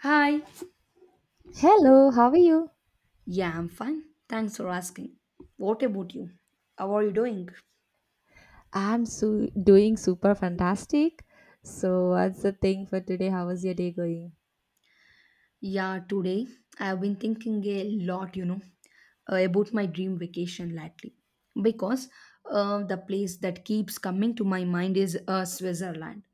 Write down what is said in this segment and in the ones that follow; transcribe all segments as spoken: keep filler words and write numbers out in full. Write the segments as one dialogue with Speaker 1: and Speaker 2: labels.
Speaker 1: Hi.
Speaker 2: Hello, how are you?
Speaker 1: Yeah, I'm fine. Thanks for asking. What about you? How are you doing?
Speaker 2: I'm su- doing super fantastic. So, what's the thing for today? How was your day going?
Speaker 1: Yeah, today I've been thinking a lot, you know, uh, about my dream vacation lately. Because uh, the place that keeps coming to my mind is uh, Switzerland.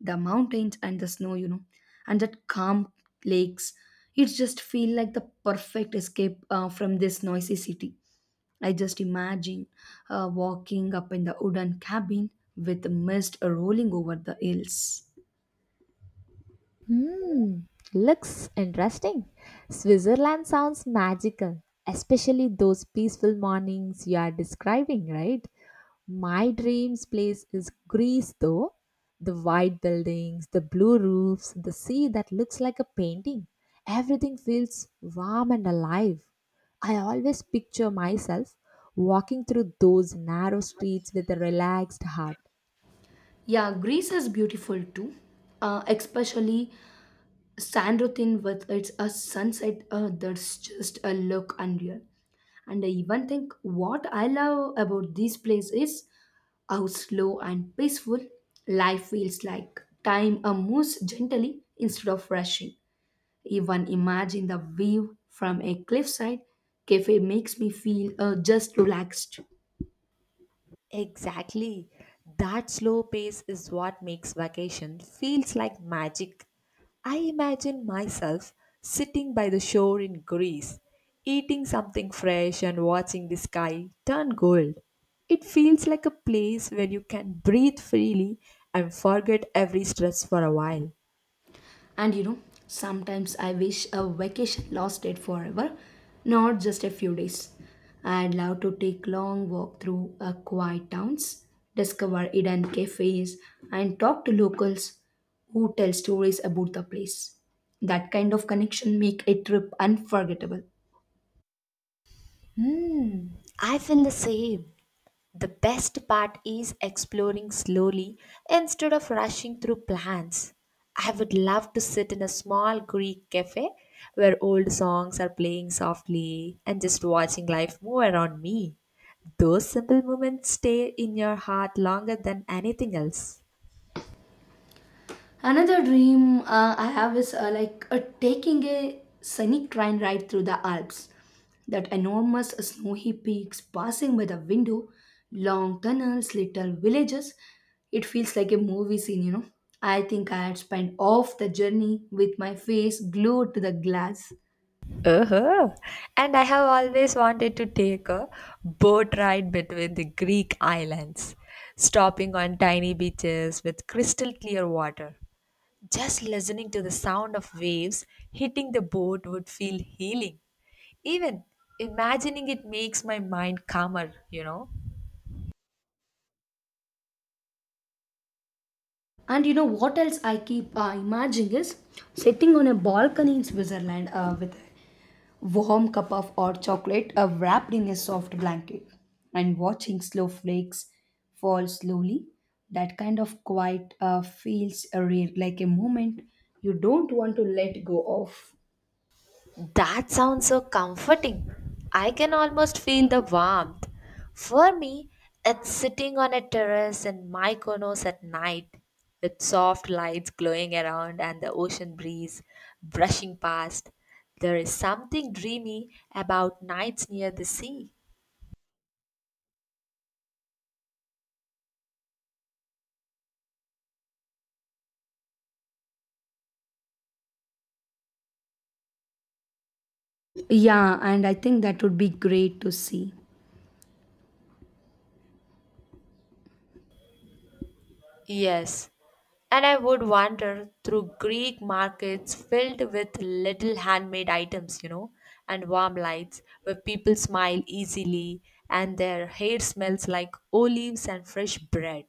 Speaker 1: The mountains and the snow, you know, and that calm lakes. It just feel like the perfect escape uh, from this noisy city. I just imagine her walking up in the wooden cabin with mist rolling over the hills.
Speaker 2: Hmm, looks interesting. Switzerland sounds magical, especially those peaceful mornings you are describing, right? My dream's place is Greece, though. The white buildings, the blue roofs, the sea that looks like a painting. Everything feels warm and alive. I always picture myself walking through those narrow streets with a relaxed heart.
Speaker 1: Yeah, Greece is beautiful too, uh, especially Sandrothin with its uh, sunset uh, that's just a look unreal. And I even think what I love about this place is how slow and peaceful life feels like. Time uh, moves gently instead of rushing. Even imagine the view from a cliffside cafe makes me feel uh, just relaxed.
Speaker 2: Exactly. That slow pace is what makes vacation feels like magic. I imagine myself sitting by the shore in Greece, eating something fresh and watching the sky turn gold. It feels like a place where you can breathe freely and forget every stress for a while.
Speaker 1: And you know, sometimes I wish a vacation lasted forever, not just a few days. I'd love to take long walk through uh, quiet towns, discover hidden cafes, and talk to locals who tell stories about the place. That kind of connection make a trip unforgettable.
Speaker 2: Hmm, I feel the same. The best part is exploring slowly instead of rushing through plans. I would love to sit in a small Greek cafe where old songs are playing softly and just watching life move around me. Those simple moments stay in your heart longer than anything else.
Speaker 1: Another dream uh, I have is uh, like uh, taking a scenic train ride through the Alps. That enormous snowy peaks passing by the window, long tunnels, little villages. It feels like a movie scene, you know. I think I had spent off the journey with my face glued to the glass.
Speaker 2: Uh-huh. And I have always wanted to take a boat ride between the Greek islands, stopping on tiny beaches with crystal clear water. Just listening to the sound of waves hitting the boat would feel healing. Even imagining it makes my mind calmer, you know.
Speaker 1: And you know what else I keep uh, imagining is sitting on a balcony in Switzerland uh, with warm cup of hot chocolate uh, wrapped in a soft blanket and watching snowflakes fall slowly that kind of quiet uh, feels a real like a moment you don't want to let go of.
Speaker 2: That sounds so comforting. I can almost feel the warmth. For me, it's sitting on a terrace in Mykonos at night with soft lights glowing around and the ocean breeze brushing past. There is something dreamy about nights near the sea.
Speaker 1: Yeah, and I think that would be great to see.
Speaker 2: Yes, and I would wander through Greek markets filled with little handmade items, you know, and warm lights where people smile easily and their hair smells like olives and fresh bread.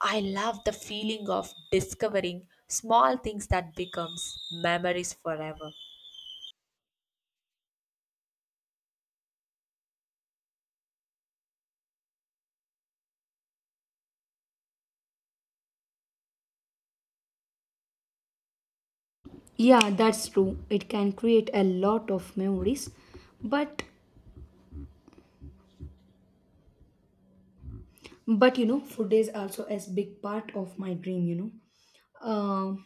Speaker 2: I love the feeling of discovering small things that becomes memories forever.
Speaker 1: Yeah, that's true, it can create a lot of memories, but but you know, food is also a big part of my dream, you know um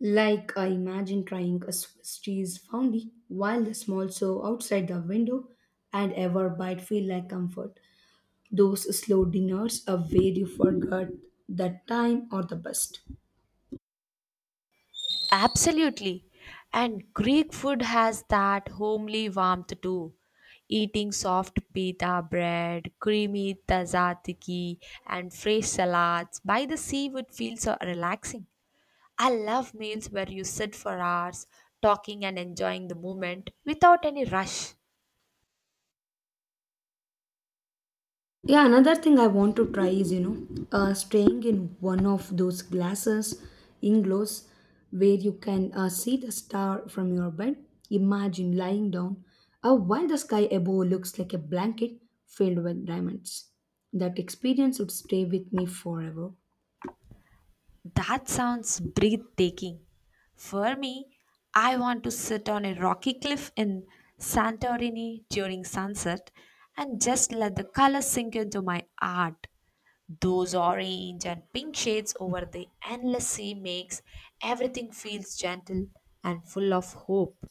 Speaker 1: Like, I imagine trying a Swiss cheese fondue while the small show outside the window and ever bite feel like comfort. Those slow dinners are where you forgot that time or the best.
Speaker 2: Absolutely. And Greek food has that homely warmth too. Eating soft pita bread, creamy tzatziki, and fresh salads by the sea would feel so relaxing. I love meals where you sit for hours talking and enjoying the moment without any rush.
Speaker 1: Yeah, another thing I want to try is, you know, uh, staying in one of those glasses, inglows, where you can uh, see the star from your bed. Imagine lying down uh, while the sky above looks like a blanket filled with diamonds. That experience would stay with me forever.
Speaker 2: That sounds breathtaking. For me, I want to sit on a rocky cliff in Santorini during sunset and just let the colors sink into my art. Those orange and pink shades over the endless sea makes everything feels gentle and full of hope.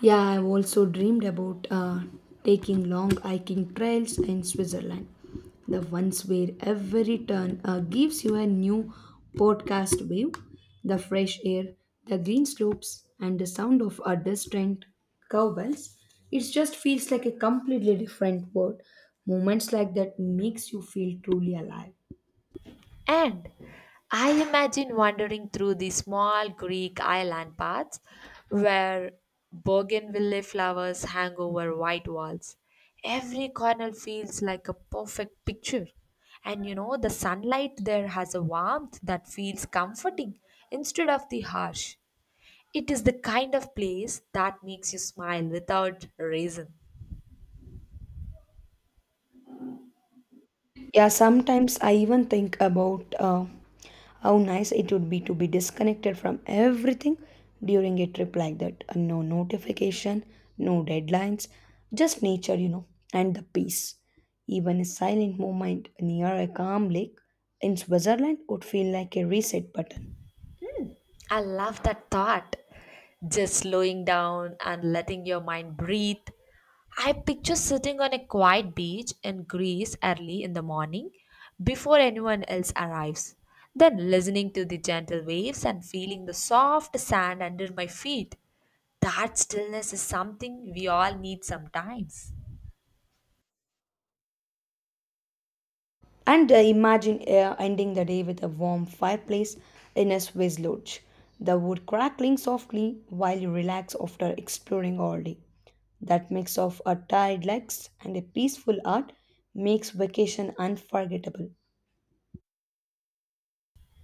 Speaker 1: Yeah, I've also dreamed about uh, taking long hiking trails in Switzerland. The ones where every turn uh, gives you a new podcast view, the fresh air, the green slopes, and the sound of a distant cowbells. It just feels like a completely different world. Moments like that makes you feel truly alive.
Speaker 2: And I imagine wandering through the small Greek island paths where bougainvillea flowers hang over white walls. Every corner feels like a perfect picture. And you know, the sunlight there has a warmth that feels comforting instead of the harsh. It is the kind of place that makes you smile without reason.
Speaker 1: Yeah, sometimes I even think about uh, how nice it would be to be disconnected from everything during a trip like that. Uh, No notification, no deadlines, just nature, you know, and the peace. Even a silent moment near a calm lake in Switzerland would feel like a reset button.
Speaker 2: I love that thought. Just slowing down and letting your mind breathe. I picture sitting on a quiet beach in Greece early in the morning before anyone else arrives, then listening to the gentle waves and feeling the soft sand under my feet. That stillness is something we all need sometimes.
Speaker 1: And uh, imagine uh, ending the day with a warm fireplace in a Swiss lodge, the wood crackling softly while you relax after exploring all day. That mix of a tired legs and a peaceful heart makes vacation unforgettable.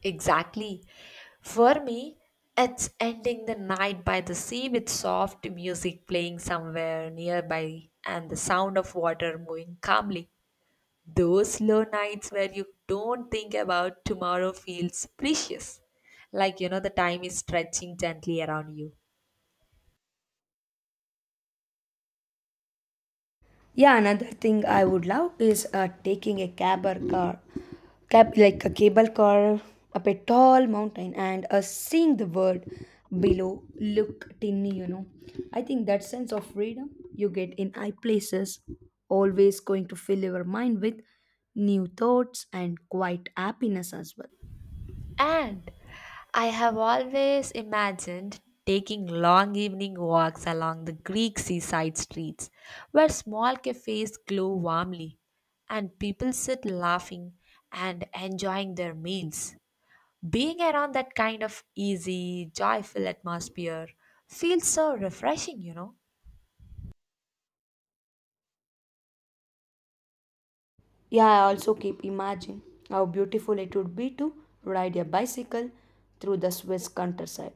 Speaker 2: Exactly. For me, it's ending the night by the sea with soft music playing somewhere nearby and the sound of water moving calmly. Those slow nights where you don't think about tomorrow feels precious. Like, you know, the time is stretching gently around you.
Speaker 1: Yeah, another thing I would love is uh, taking a cab or car, cab like a cable car up a tall mountain and uh, seeing the world below look tiny, you know. I think that sense of freedom you get in high places always going to fill your mind with new thoughts and quiet happiness as well.
Speaker 2: And I have always imagined taking long evening walks along the Greek seaside streets where small cafes glow warmly and people sit laughing and enjoying their meals. Being around that kind of easy, joyful atmosphere feels so refreshing, you know.
Speaker 1: Yeah, I also keep imagining how beautiful it would be to ride a bicycle through the Swiss countryside,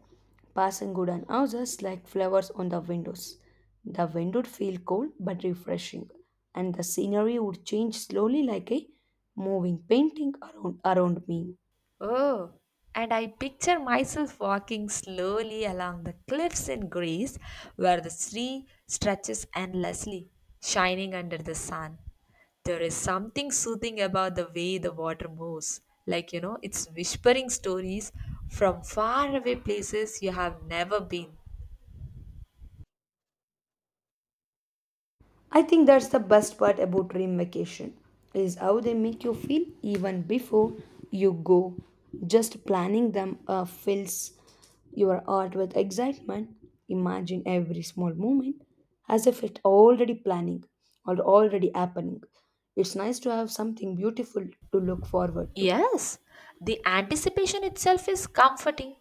Speaker 1: passing wooden houses like flowers on the windows. The wind would feel cold but refreshing, and the scenery would change slowly like a moving painting around, around me.
Speaker 2: Oh, and I picture myself walking slowly along the cliffs in Greece where the sea stretches endlessly, shining under the sun. There is something soothing about the way the water moves. Like, you know, it's whispering stories from faraway places you have never been.
Speaker 1: I think that's the best part about dream vacation is how they make you feel even before you go. Just planning them uh, fills your heart with excitement. Imagine every small moment as if it already planning or already happening. It's nice to have something beautiful to look forward to.
Speaker 2: Yes, the anticipation itself is comforting.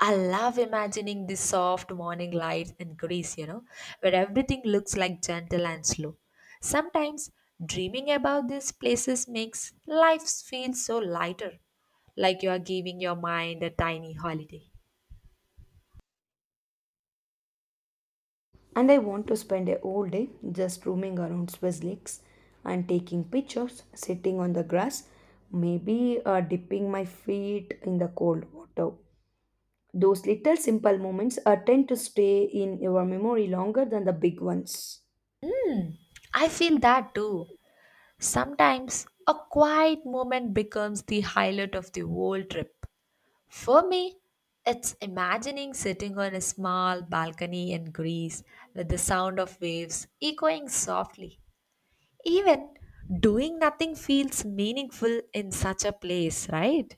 Speaker 2: I love imagining the soft morning light in Greece, you know, where everything looks like gentle and slow. Sometimes dreaming about these places makes life feel so lighter, like you are giving your mind a tiny holiday.
Speaker 1: And I want to spend a whole day just roaming around Swiss lakes and taking pictures, sitting on the grass, maybe uh, dipping my feet in the cold water. Those little simple moments uh, tend to stay in your memory longer than the big ones.
Speaker 2: I feel that too. Sometimes a quiet moment becomes the highlight of the whole trip. For me, it's imagining sitting on a small balcony in Greece with the sound of waves echoing softly. Even doing nothing feels meaningful in such a place, right?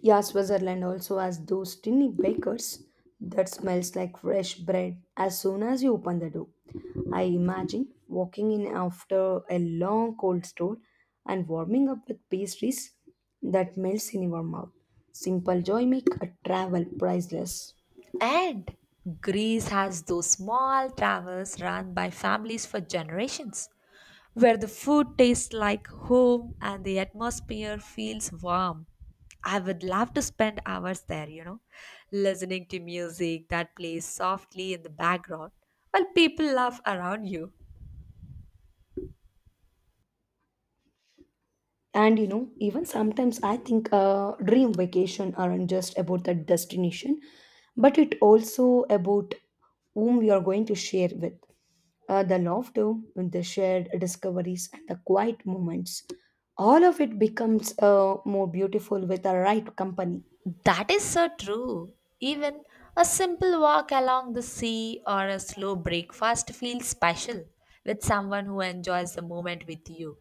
Speaker 1: Yeah, Switzerland also has those tiny bakers that smells like fresh bread as soon as you open the door. I imagine walking in after a long cold store and warming up with pastries that melts in your mouth. Simple joy make a travel priceless.
Speaker 2: And Greece has those small travels run by families for generations, where the food tastes like home and the atmosphere feels warm. I would love to spend hours there, you know, listening to music that plays softly in the background while people laugh around you.
Speaker 1: And you know, even sometimes I think uh, dream vacation aren't just about the destination, but it also about whom we are going to share with. Uh, the laughter, the shared discoveries, and the quiet moments. All of it becomes uh, more beautiful with the right company.
Speaker 2: That is so true. Even a simple walk along the sea or a slow breakfast feels special with someone who enjoys the moment with you.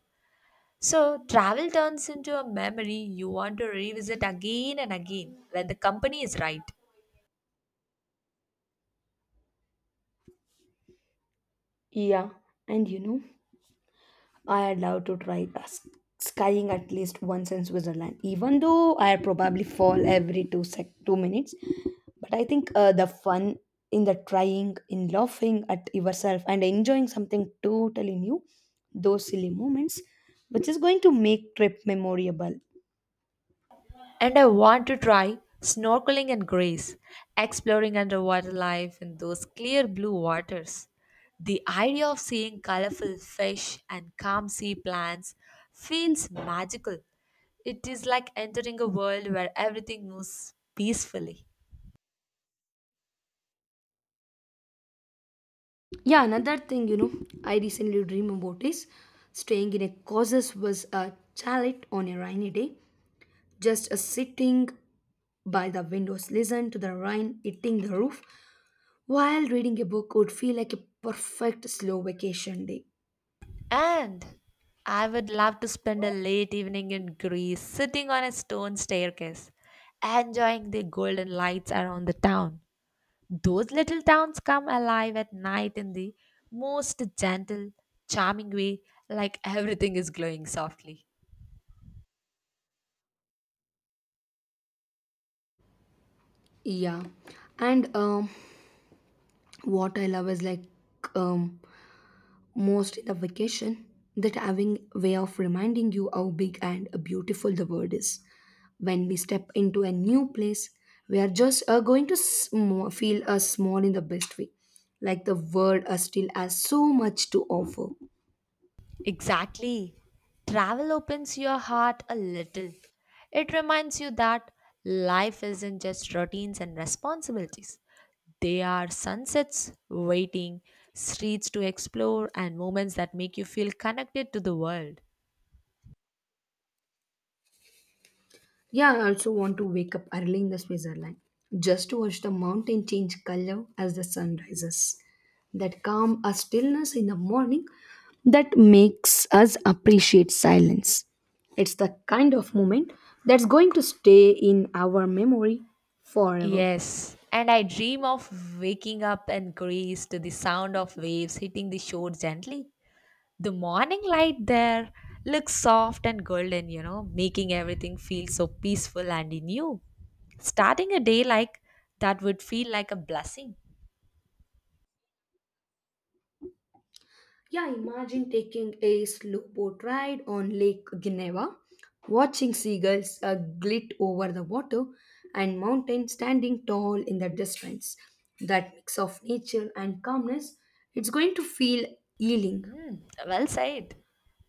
Speaker 2: So, travel turns into a memory you want to revisit again and again when the company is right.
Speaker 1: Yeah, and you know, I'd love to try uh, s- skiing at least once in Switzerland, even though I probably fall every two sec two minutes. But I think uh, the fun in the trying, in laughing at yourself, and enjoying something totally new, those silly moments, which is going to make trip memorable.
Speaker 2: And I want to try snorkeling in Greece, exploring underwater life in those clear blue waters. The idea of seeing colorful fish and calm sea plants feels magical. It is like entering a world where everything moves peacefully.
Speaker 1: Yeah, another thing you know, I recently dream about is staying in a causes was a chalet on a rainy day, just a sitting by the windows, listen to the rain hitting the roof, while reading a book would feel like a perfect slow vacation day.
Speaker 2: And I would love to spend a late evening in Greece sitting on a stone staircase, enjoying the golden lights around the town. Those little towns come alive at night in the most gentle, charming way, like everything is glowing softly.
Speaker 1: Yeah, and um, what I love is like um, most in the vacation that having way of reminding you how big and beautiful the world is. When we step into a new place, we are just uh, going to sm- feel uh, small in the best way, like the world uh, still has so much to offer.
Speaker 2: Exactly. Travel opens your heart a little. It reminds you that life isn't just routines and responsibilities. They are sunsets waiting, streets to explore, and moments that make you feel connected to the world.
Speaker 1: Yeah, I also want to wake up early in the Switzerland just to watch the mountain change color as the sun rises. That calm, a stillness in the morning that makes us appreciate silence. It's the kind of moment that's going to stay in our memory forever.
Speaker 2: Yes, and I dream of waking up in Greece to the sound of waves hitting the shore gently. The morning light there looks soft and golden, you know, making everything feel so peaceful and new. Starting a day like that would feel like a blessing.
Speaker 1: Yeah, imagine taking a slow boat ride on Lake Geneva, watching seagulls uh, glit over the water, and mountains standing tall in the distance. That mix of nature and calmness, it's going to feel healing.
Speaker 2: Mm, well said.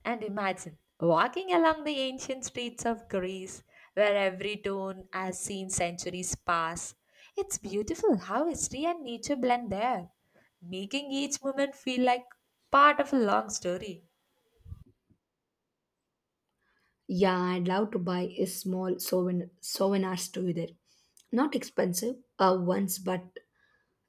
Speaker 2: And imagine walking along the ancient streets of Greece, where every tone has seen centuries pass. It's beautiful how history and nature blend there, making each moment feel like part of a long story.
Speaker 1: Yeah, I'd love to buy a small souvenir, souvenir store there. Not expensive uh, ones, but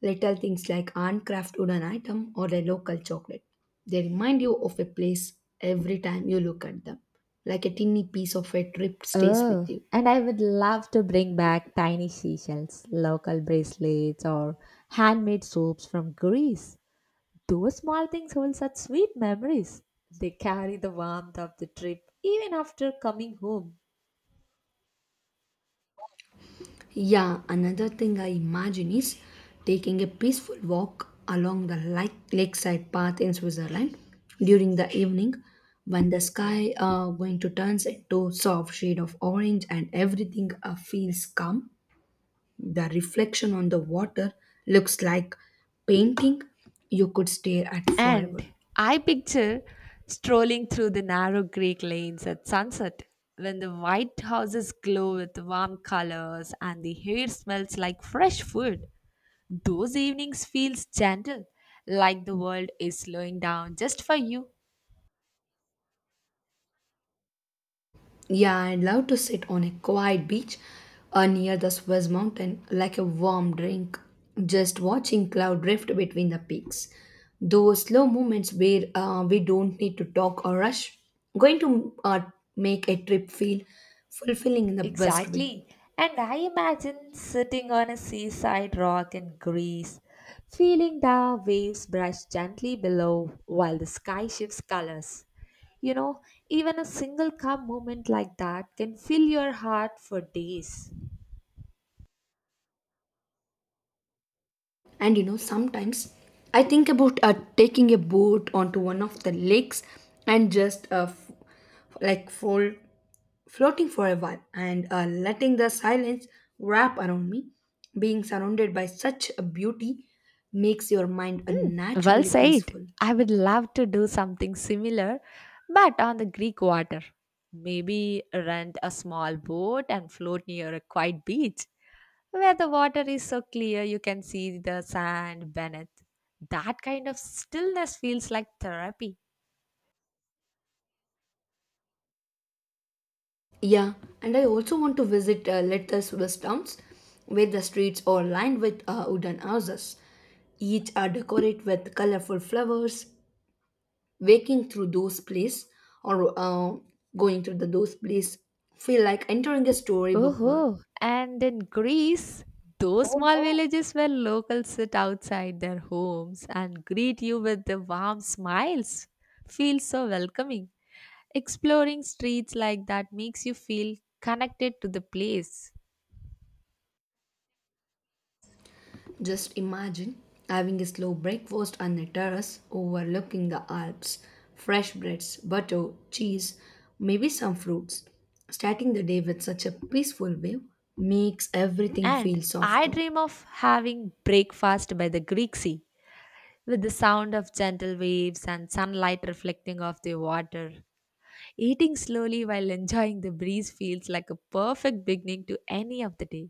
Speaker 1: little things like handcraft wooden item or a local chocolate. They remind you of a place every time you look at them. Like a tiny piece of a trip stays with
Speaker 2: Oh,
Speaker 1: you.
Speaker 2: and I would love to bring back tiny seashells, local bracelets, or handmade soaps from Greece. Those small things hold such sweet memories. They carry the warmth of the trip even after coming home.
Speaker 1: Yeah, another thing I imagine is taking a peaceful walk along the lake- lakeside path in Switzerland during the evening when the sky are going to turns into soft shade of orange and everything uh, feels calm. The reflection on the water looks like painting you could stare at forever.
Speaker 2: And I picture strolling through the narrow Greek lanes at sunset when the white houses glow with warm colors and the air smells like fresh food. Those evenings feels gentle, like the world is slowing down just for you.
Speaker 1: Yeah, I'd love to sit on a quiet beach uh, near the Swiss mountain like a warm drink, just watching cloud drift between the peaks. Those slow moments where uh, we don't need to talk or rush, going to uh, make a trip feel fulfilling in the best way.
Speaker 2: Exactly. And I imagine sitting on a seaside rock in Greece, feeling the waves brush gently below while the sky shifts colors. You know, even a single calm moment like that can fill your heart for days.
Speaker 1: And you know, sometimes I think about uh, taking a boat onto one of the lakes and just uh, f- like fall, floating for a while and uh, letting the silence wrap around me. Being surrounded by such a beauty makes your mind uh,
Speaker 2: Well
Speaker 1: naturally
Speaker 2: said.
Speaker 1: peaceful.
Speaker 2: I would love to do something similar, but on the Greek water. Maybe rent a small boat and float near a quiet beach, where the water is so clear you can see the sand beneath. That kind of stillness feels like therapy.
Speaker 1: Yeah, and I also want to visit uh, little Swiss towns where the streets are lined with uh, wooden houses. Each are decorated with colorful flowers. Waking through those place or uh, going through the those place feel like entering a storybook world.
Speaker 2: Oh, and in Greece, those small villages where locals sit outside their homes and greet you with the warm smiles feel so welcoming. Exploring streets like that makes you feel connected to the place.
Speaker 1: Just imagine having a slow breakfast on a terrace overlooking the Alps, fresh breads, butter, cheese, maybe some fruits. Starting the day with such a peaceful view makes everything feel
Speaker 2: And I
Speaker 1: softer.
Speaker 2: dream of having breakfast by the Greek sea with the sound of gentle waves and sunlight reflecting off the water. Eating slowly while enjoying the breeze feels like a perfect beginning to any of the day.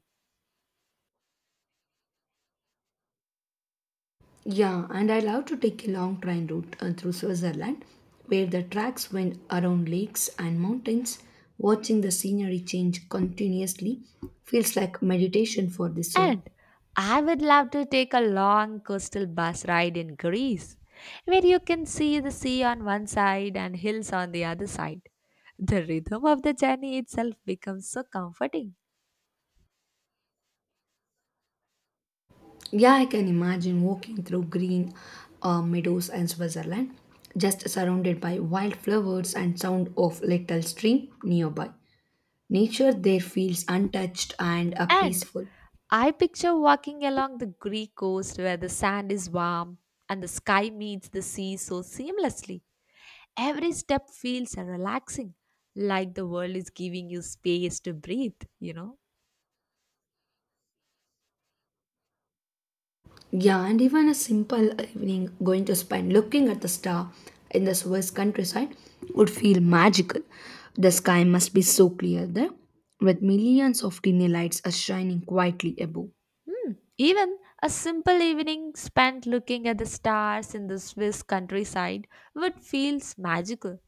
Speaker 1: Yeah, and I love to take a long train route uh, through Switzerland where the tracks went around lakes and mountains. Watching the scenery change continuously feels like meditation for the soul.
Speaker 2: And I would love to take a long coastal bus ride in Greece, where you can see the sea on one side and hills on the other side. The rhythm of the journey itself becomes so comforting.
Speaker 1: Yeah, I can imagine walking through green uh, meadows and Switzerland, just surrounded by wildflowers and sound of little stream nearby. Nature there feels untouched and uh,
Speaker 2: And
Speaker 1: peaceful.
Speaker 2: I picture walking along the Greek coast where the sand is warm and the sky meets the sea so seamlessly. Every step feels relaxing, like the world is giving you space to breathe, you know.
Speaker 1: Yeah, and even a simple evening going to spend looking at the star in the Swiss countryside would feel magical. The sky must be so clear there, with millions of tiny lights are shining quietly above.
Speaker 2: Hmm. Even a simple evening spent looking at the stars in the Swiss countryside would feel magical.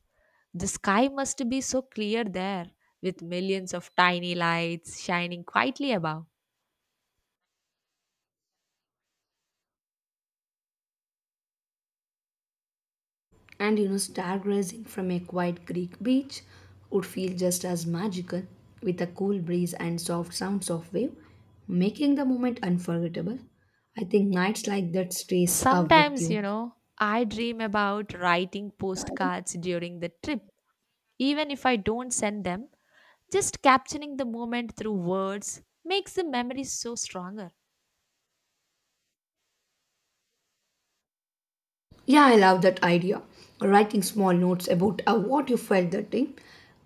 Speaker 2: The sky must be so clear there, with millions of tiny lights shining quietly above.
Speaker 1: And you know, stargazing from a quiet Greek beach would feel just as magical, with a cool breeze and soft sounds of wave, making the moment unforgettable. I think nights like that stays up with
Speaker 2: Sometimes, you
Speaker 1: you.
Speaker 2: know, I dream about writing postcards during the trip. Even if I don't send them, just capturing the moment through words makes the memory so stronger.
Speaker 1: Yeah, I love that idea. Writing small notes about uh, what you felt that day.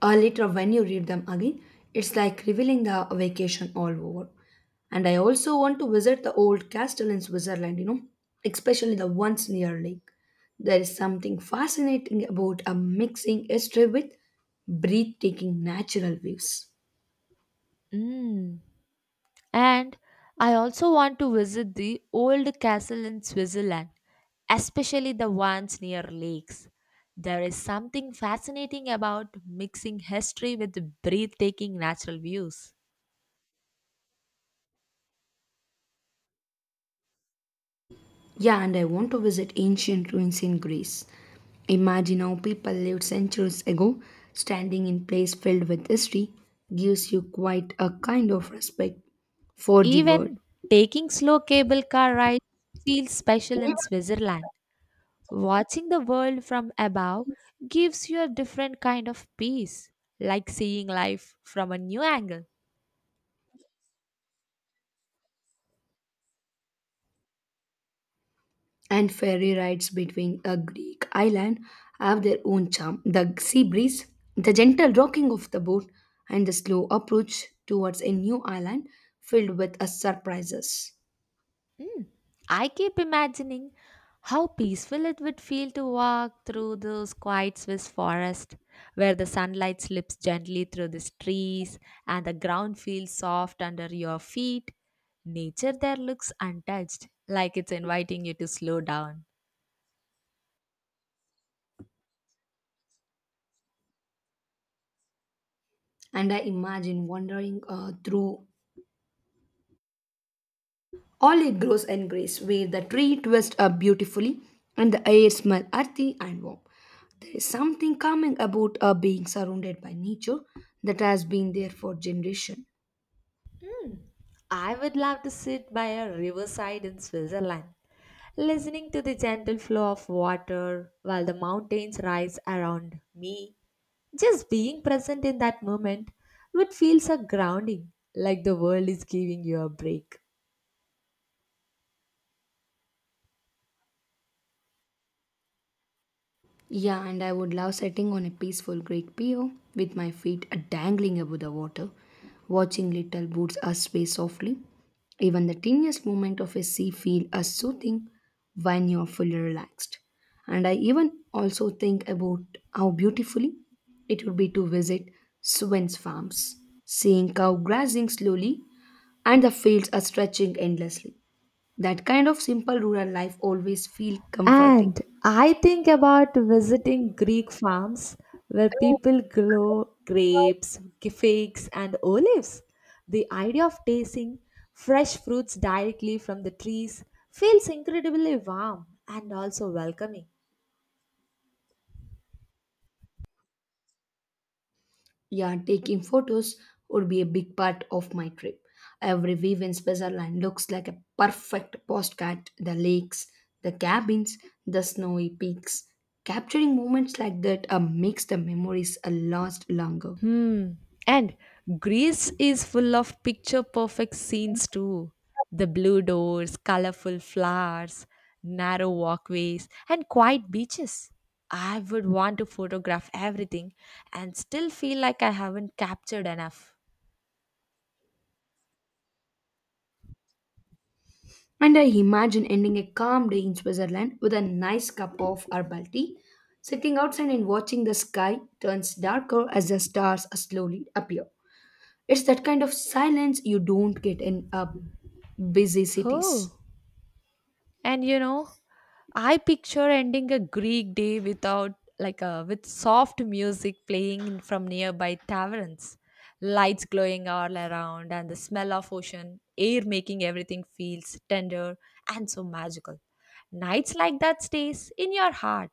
Speaker 1: Uh, later, when you read them again, it's like revealing the vacation all over. And I also want to visit the old castle in Switzerland, you know, especially the ones near lake. There is something fascinating about uh, mixing history with breathtaking natural views.
Speaker 2: Mm. And I also want to visit the old castle in Switzerland, especially the ones near lakes. There is something fascinating about mixing history with breathtaking natural views.
Speaker 1: Yeah, and I want to visit ancient ruins in Greece. Imagine how people lived centuries ago, standing in place filled with history gives you quite a kind of respect for the world.
Speaker 2: Even taking slow cable car rides feels special in Switzerland. Watching the world from above gives you a different kind of peace, like seeing life from a new angle.
Speaker 1: And ferry rides between a Greek island have their own charm. The sea breeze, the gentle rocking of the boat, and the slow approach towards a new island filled with uh, surprises.
Speaker 2: Mm, I keep imagining how peaceful it would feel to walk through those quiet Swiss forests where the sunlight slips gently through the trees and the ground feels soft under your feet. Nature there looks untouched, like it's inviting you to slow down.
Speaker 1: And I imagine wandering uh, through olive grows in Greece, where the tree twists up beautifully and the air smells earthy and warm. There is something calming about uh, being surrounded by nature that has been there for generations.
Speaker 2: I would love to sit by a riverside in Switzerland, listening to the gentle flow of water while the mountains rise around me. Just being present in that moment would feel so grounding, like the world is giving you a break.
Speaker 1: Yeah, and I would love sitting on a peaceful Greek pier with my feet dangling above the water, watching little boats uh, sway softly. Even the tiniest movement of a sea feel as soothing when you're fully relaxed. And I even also think about how beautifully it would be to visit Swin's farms, seeing cow grazing slowly and the fields are stretching endlessly. That kind of simple rural life always feels comforting.
Speaker 2: And I think about visiting Greek farms where people grow grapes, figs, and olives. The idea of tasting fresh fruits directly from the trees feels incredibly warm and also welcoming.
Speaker 1: Yeah, taking photos would be a big part of my trip. Every view in Switzerland looks like a perfect postcard the lakes, the cabins, the snowy peaks. Capturing moments like that uh, makes the memories uh, last longer.
Speaker 2: Hmm. And Greece is full of picture perfect scenes too. The blue doors, colorful flowers, narrow walkways, and quiet beaches. I would want to photograph everything and still feel like I haven't captured enough.
Speaker 1: And I imagine ending a calm day in Switzerland with a nice cup of herbal tea, sitting outside and watching the sky turns darker as the stars uh, slowly appear. It's that kind of silence you don't get in uh, busy cities.
Speaker 2: Oh. And you know, I picture ending a Greek day without like a with soft music playing in- from nearby taverns, lights glowing all around, and the smell of ocean air making everything feels tender and so magical. Nights like that stays in your heart.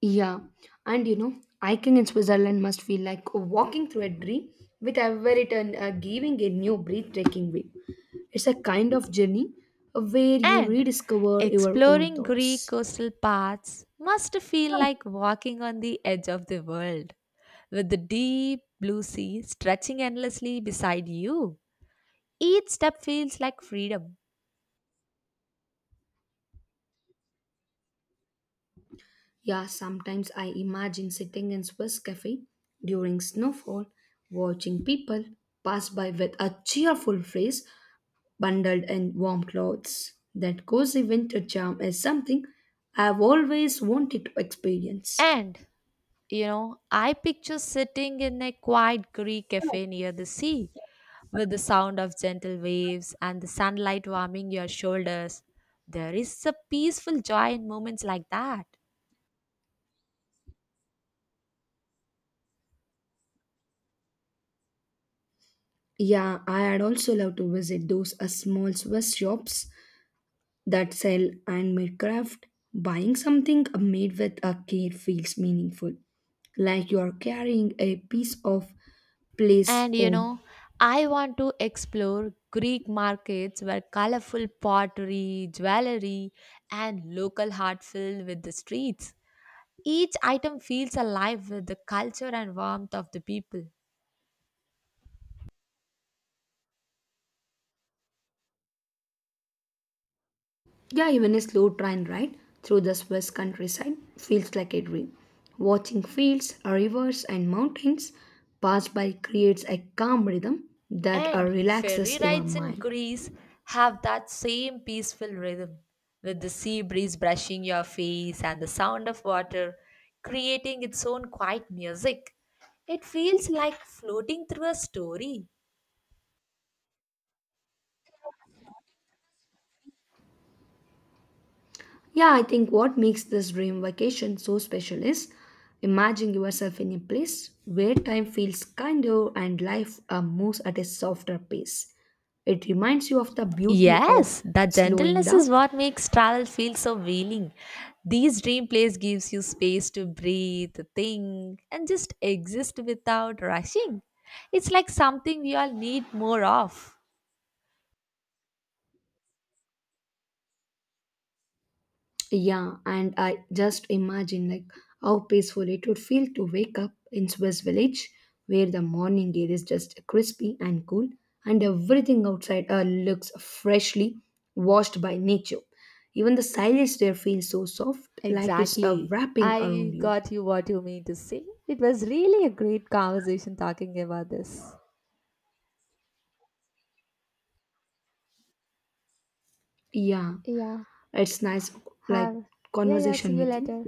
Speaker 1: Yeah, and you know, hiking in Switzerland must feel like walking through a dream with every turn uh, giving a new breathtaking way. It's a kind of journey where you
Speaker 2: And
Speaker 1: rediscover your own
Speaker 2: exploring Greek
Speaker 1: thoughts.
Speaker 2: coastal paths must feel like walking on the edge of the world, with the deep blue sea stretching endlessly beside you. Each step feels like freedom.
Speaker 1: Yeah, sometimes I imagine sitting in Swiss cafe during snowfall, watching people pass by with a cheerful face, bundled in warm clothes. That cozy winter charm is something I've always wanted to experience.
Speaker 2: And, you know, I picture sitting in a quiet Greek cafe near the sea with the sound of gentle waves and the sunlight warming your shoulders. There is a peaceful joy in moments like that.
Speaker 1: Yeah, I had also love to visit those uh, small Swiss shops that sell handmade craft. Buying something uh, made with a care feels meaningful, like you are carrying a piece of place
Speaker 2: And, you know,
Speaker 1: home.
Speaker 2: I want to explore Greek markets where colorful pottery, jewelry, and local heart fill with the streets. Each item feels alive with the culture and warmth of the people.
Speaker 1: Yeah, even a slow train ride through the Swiss countryside feels like a dream. Watching fields, rivers, and mountains pass by creates a calm rhythm that uh,
Speaker 2: And ferry
Speaker 1: relaxes your
Speaker 2: rides in
Speaker 1: mind.
Speaker 2: Greece have that same peaceful rhythm, with the sea breeze brushing your face and the sound of water creating its own quiet music. It feels like floating through a story.
Speaker 1: Yeah, I think what makes this dream vacation so special is imagine yourself in a place where time feels kinder and life uh, moves at a softer pace. It reminds you of the beauty of
Speaker 2: Yes, that
Speaker 1: slowing
Speaker 2: gentleness is
Speaker 1: down.
Speaker 2: what makes travel feel so healing. These dream place gives you space to breathe, think, and just exist without rushing. It's like something we all need more of.
Speaker 1: Yeah, and I just imagine like how peaceful it would feel to wake up in Swiss village where the morning air is just crispy and cool and everything outside uh, looks freshly washed by nature. Even the silence there feels so soft like it's uh,
Speaker 2: Exactly.
Speaker 1: wrapping
Speaker 2: I
Speaker 1: around you.
Speaker 2: got you what you mean to say. It was really a great conversation talking about this.
Speaker 1: Yeah, it's nice like conversation with you.